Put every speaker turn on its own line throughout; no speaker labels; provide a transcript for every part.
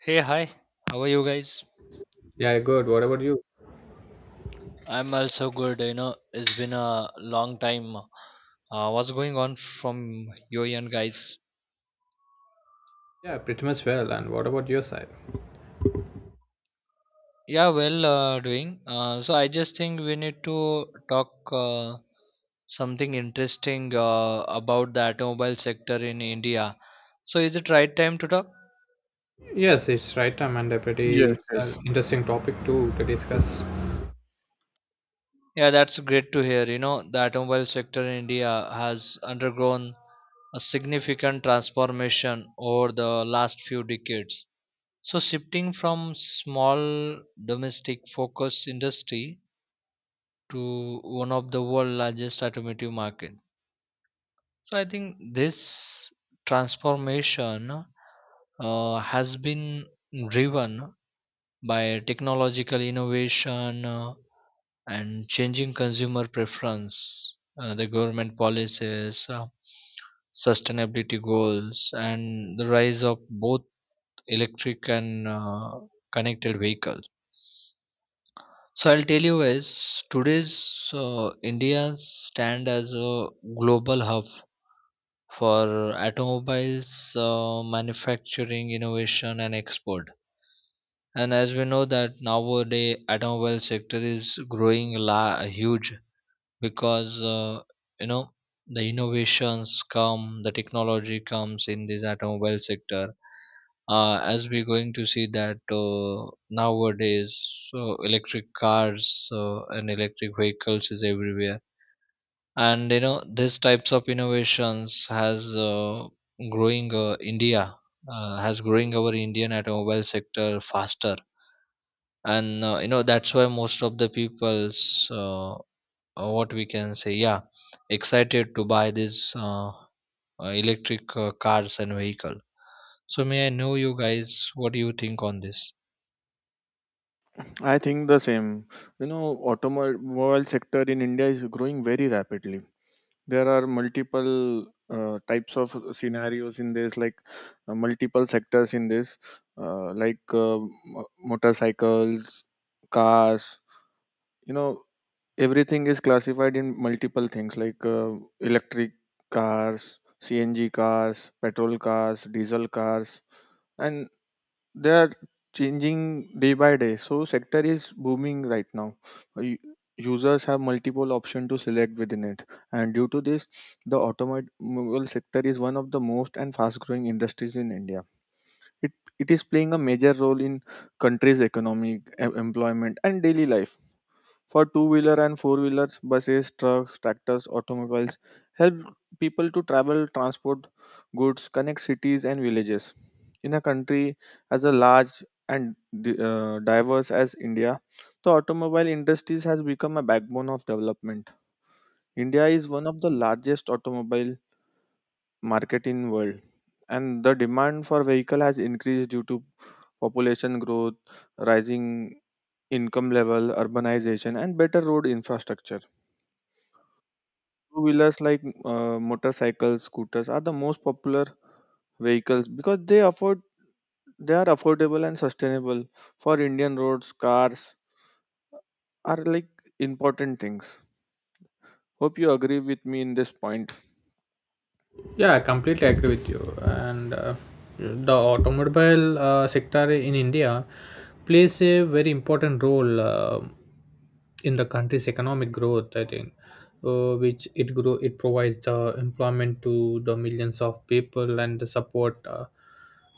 Hey, hi. How are you guys?
Yeah, good. What about you?
I'm also good. You know, it's been a long time. What's going on from your end, guys?
Yeah, pretty much well. And what about your side?
Yeah, well, doing. So I just think we need to talk something interesting about the automobile sector in India. So is it right time to talk?
Yes, it's right time and a
Yes,
pretty
yes.
interesting topic too to discuss.
Yeah, that's great to hear. You know, the automobile sector in India has undergone a significant transformation over the last few decades. So shifting from small domestic focus industry to one of the world largest automotive market. So I think this transformation has been driven by technological innovation, and changing consumer preference, the government policies, sustainability goals, and the rise of both electric and connected vehicles. So I'll tell you guys, today's India stand as a global hub for automobiles manufacturing, innovation, and export. And as we know that nowadays automobile sector is growing huge because you know the innovations come, the technology comes in this automobile sector, as we're going to see that nowadays so electric cars and electric vehicles is everywhere. And you know, these types of innovations has growing india, has growing our indian automobile sector faster. And, that's why most of the people's, what we can say yeah excited to buy this, electric, cars and vehicle. So may I know, you guys, what do you think on this?
I think the same. You know, automobile sector in India is growing very rapidly. There are multiple types of scenarios in this, like multiple sectors in this, uh, like uh, motorcycles, cars. You know, everything is classified in multiple things, like electric cars, CNG cars, petrol cars, diesel cars, and they are changing day by day, so sector is booming right now. U- Users have multiple options to select within it, and due to this the automobile sector is one of the most and fast growing industries in India. It, it is playing a major role in country's employment and daily life. For two-wheeler and four-wheelers, buses, trucks, tractors, automobiles help people to travel, transport goods, connect cities and villages. In a country as a large and diverse as India, the automobile industries has become a backbone of development. India is one of the largest automobile market in world, and the demand for vehicle has increased due to population growth, rising income level, urbanization, and better road infrastructure. Two wheelers like motorcycles, scooters are the most popular vehicles because they are affordable and sustainable for Indian roads. Cars are like important things. Hope you agree with me in this point.
Yeah, I completely agree with you. And the automobile sector in India plays a very important role in the country's economic growth. I think, which it grow it provides the employment to the millions of people and the support.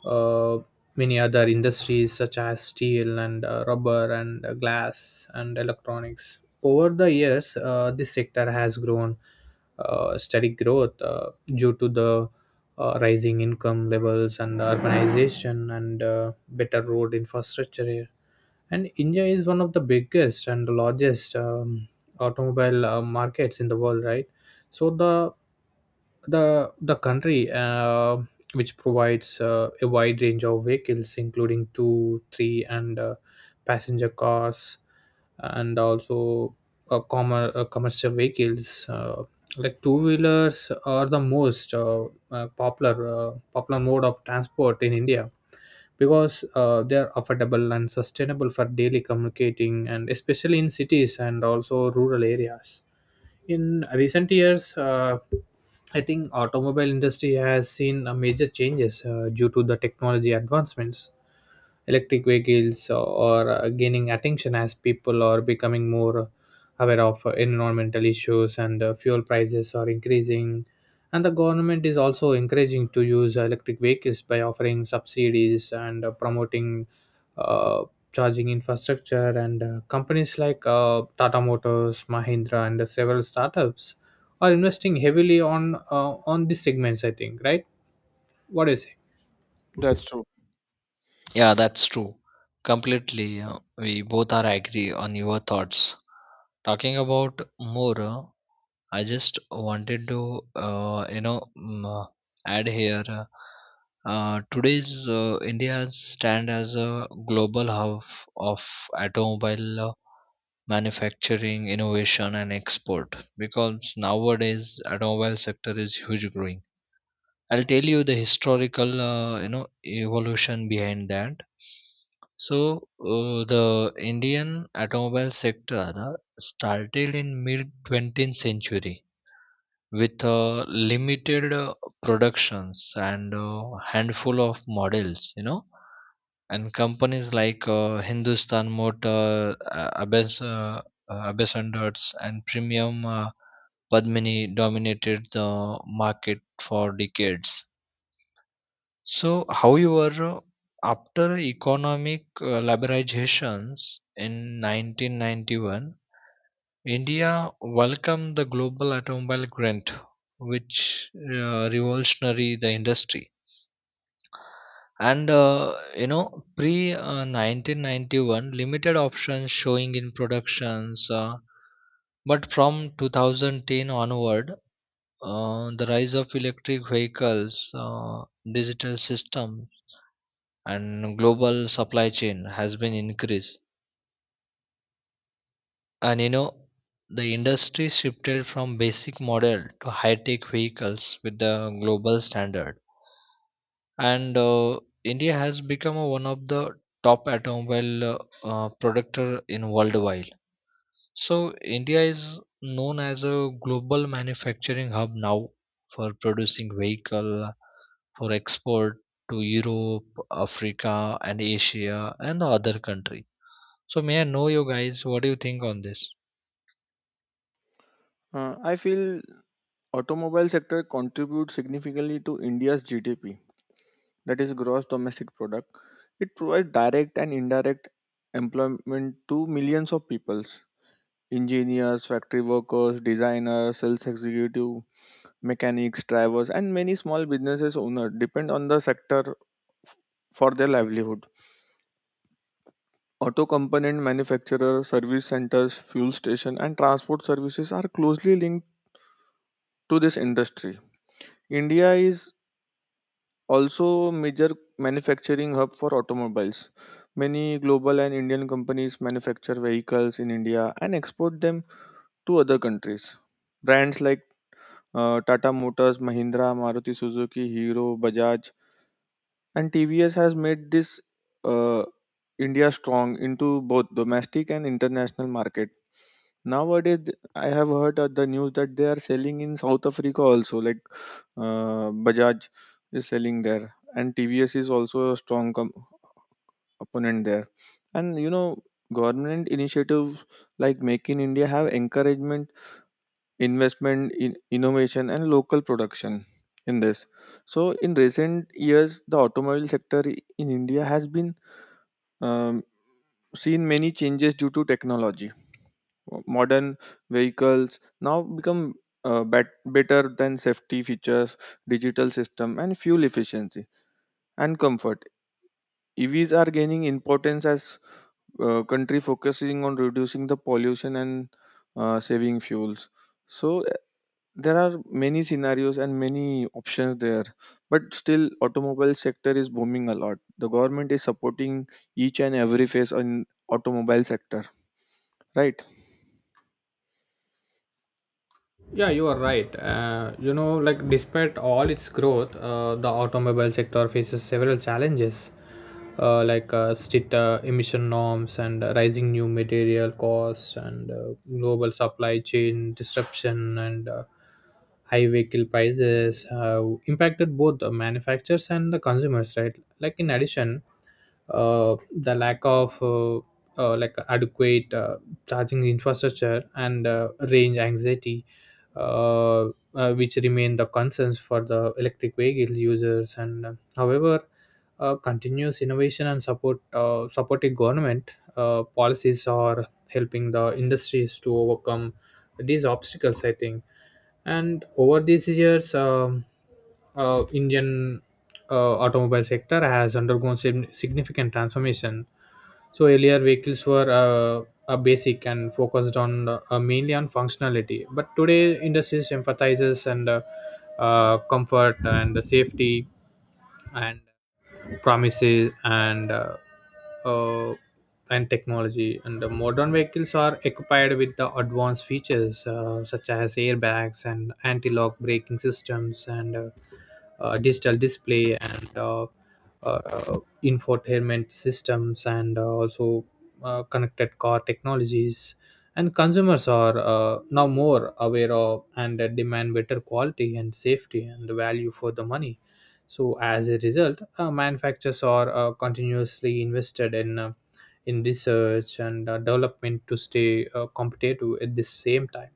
uh, Many other industries such as steel and rubber and glass and electronics. Over the years, this sector has grown steady growth due to the rising income levels and urbanization and better road infrastructure, and India is one of the biggest and the largest automobile markets in the world, right? So the country, which provides a wide range of vehicles, including two, three, and passenger cars, and also commercial vehicles, like two wheelers are the most popular mode of transport in India because they are affordable and sustainable for daily communicating and especially in cities and also rural areas. In recent years, I think automobile industry has seen major changes due to the technology advancements. Electric vehicles or gaining attention as people are becoming more aware of environmental issues and fuel prices are increasing, and the government is also encouraging to use electric vehicles by offering subsidies and promoting uh, charging infrastructure. And companies like Tata Motors, Mahindra, and several startups are investing heavily on these segments. I think, right? What do you say?
That's true.
Yeah, that's true. Completely, we both are agree on your thoughts. Talking about more, I just wanted to, uh, you know mm, uh, add here, today's india stand as a global hub of automobile manufacturing, innovation, and export. Because nowadays, automobile sector is huge growing. I'll tell you the historical, evolution behind that. So the Indian automobile sector started in mid 20th century with limited productions and a handful of models, you know, and companies like hindustan motor, abbas and Dutz, and premium padmini dominated the market for decades. So however, after economic liberalizations in 1991, India welcomed the global automobile grant, which revolutionary the industry. And you know, pre 1991, limited options showing in productions. But from 2010 onward, the rise of electric vehicles, digital systems, and global supply chain has been increased. And you know, the industry shifted from basic model to high tech vehicles with the global standard. And India has become one of the top automobile, productor in worldwide. So India is known as a global manufacturing hub now for producing vehicle for export to Europe, Africa, and Asia and the other country. So may I know, you guys, what do you think on this?
I feel automobile sector contributes significantly to India's GDP, that is gross domestic product. It provides direct and indirect employment to millions of people. Engineers, factory workers, designers, sales executive, mechanics, drivers, and many small businesses owners depend on the sector f- for their livelihood. Auto component manufacturers, service centers, fuel station, and transport services are closely linked to this industry. India is also a major manufacturing hub for automobiles. Many global and Indian companies manufacture vehicles in India and export them to other countries. Brands like Tata Motors, Mahindra, Maruti Suzuki, Hero, Bajaj, and TVS has made this uh, India strong into both domestic and international market. Nowadays, I have heard the news that they are selling in South Africa also. Like Bajaj is selling there, and TVS is also a strong opponent there. And you know, government initiatives like Make in India have encouragement investment in innovation and local production in this. So in recent years the automobile sector in India has been, um, seen many changes due to technology. Modern vehicles now become better than safety features, digital system and fuel efficiency and comfort. EVs are gaining importance as country focusing on reducing the pollution and saving fuels. So there are many scenarios and many options there, but still automobile sector is booming a lot. The government is supporting each and every phase on automobile sector, right?
Yeah, you are right. You know, like despite all its growth, the automobile sector faces several challenges, like strict emission norms and rising new material costs and global supply chain disruption and high vehicle prices have impacted both the manufacturers and the consumers, right? Like in addition, uh, the lack of like adequate charging infrastructure and range anxiety, uh, which remain the concerns for the electric vehicle users. And however, continuous innovation and supporting government policies are helping the industries to overcome these obstacles, I think. And over these years, Indian automobile sector has undergone significant transformation. So earlier vehicles were a basic and focused on mainly on functionality, but today industries emphasizes and comfort and safety and promises uh, and technology. And the modern vehicles are equipped with the advanced features, such as airbags and anti-lock braking systems and digital display and uh, infotainment systems, and also connected car technologies. And consumers are now more aware of and demand better quality and safety and value for the money. So as a result, manufacturers are continuously invested in research and development to stay competitive at the same time.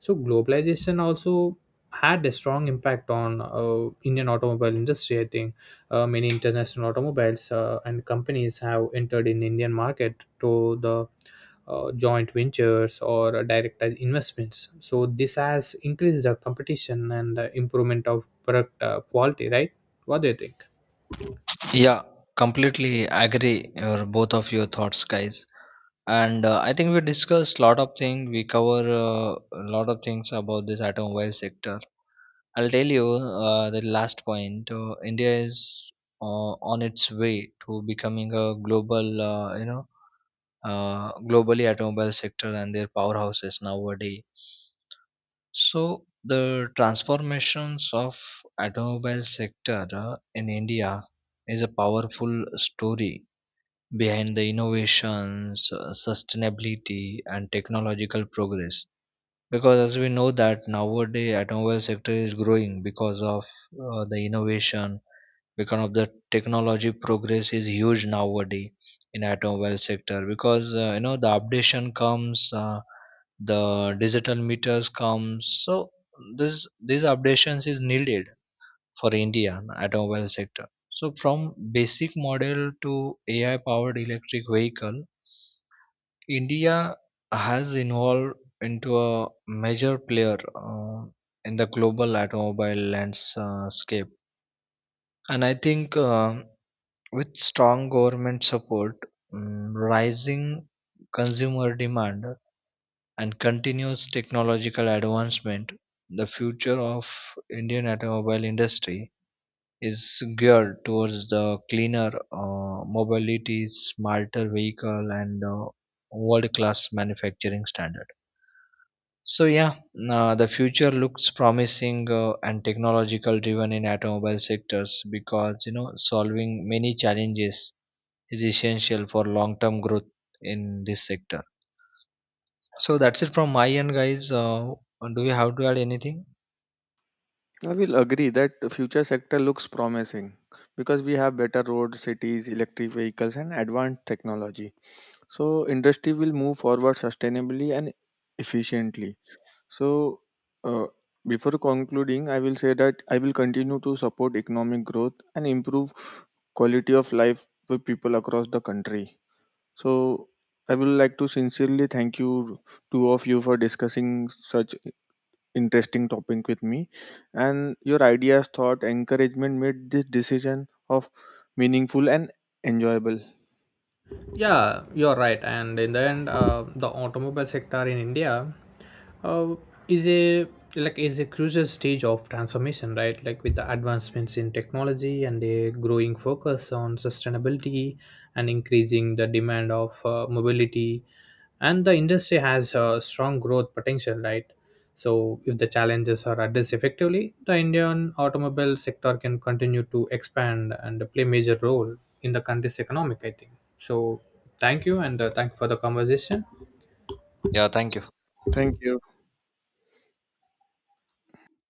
So globalization also had a strong impact on Indian automobile industry, I think. Many international automobiles and companies have entered in Indian market through the joint ventures or direct investments, so this has increased the competition and improvement of product quality, right? What do you think?
Yeah, completely agree or both of your thoughts, guys. And I think we discussed lot of things. We cover a lot of things about this automobile sector. I'll tell you the last point. India is on its way to becoming a global, globally automobile sector and their powerhouses nowadays. So the transformations of automobile sector in India is a powerful story behind the innovations, sustainability and technological progress, because as we know that nowadays automobile sector is growing because of the innovation, because of the technology progress is huge nowadays in automobile sector. Because, the updation comes, the digital meters comes. So this these updations is needed for indian automobile sector. So from basic model to ai powered electric vehicle, India has evolved into a major player in the global automobile landscape. And I think with strong government support, rising consumer demand, and continuous technological advancement, the future of Indian automobile industry is geared towards the cleaner mobility, smarter vehicle, and world-class manufacturing standards. So yeah, the future looks promising and technological driven in automobile sectors, because you know, solving many challenges is essential for long term growth in this sector. So that's it from my end, guys. Do you have to add anything?
I will agree that the future sector looks promising because we have better roads, cities, electric vehicles and advanced technology, so industry will move forward sustainably and efficiently. So, uh, before concluding I will say that I will continue to support economic growth and improve quality of life for people across the country. So, I would like to sincerely thank you, two of you, for discussing such interesting topic with me. And your ideas, thought, encouragement made this decision of meaningful and enjoyable. Thank
Yeah, you're right. And in the end, the automobile sector in India uh, is a like is a crucial stage of transformation, right? Like with the advancements in technology and a growing focus on sustainability and increasing the demand of mobility, and the industry has a strong growth potential, right? So, if the challenges are addressed effectively, the Indian automobile sector can continue to expand and play major role in the country's economic. I think so. Thank you, and thank you for the conversation.
Yeah, thank you.
Thank you.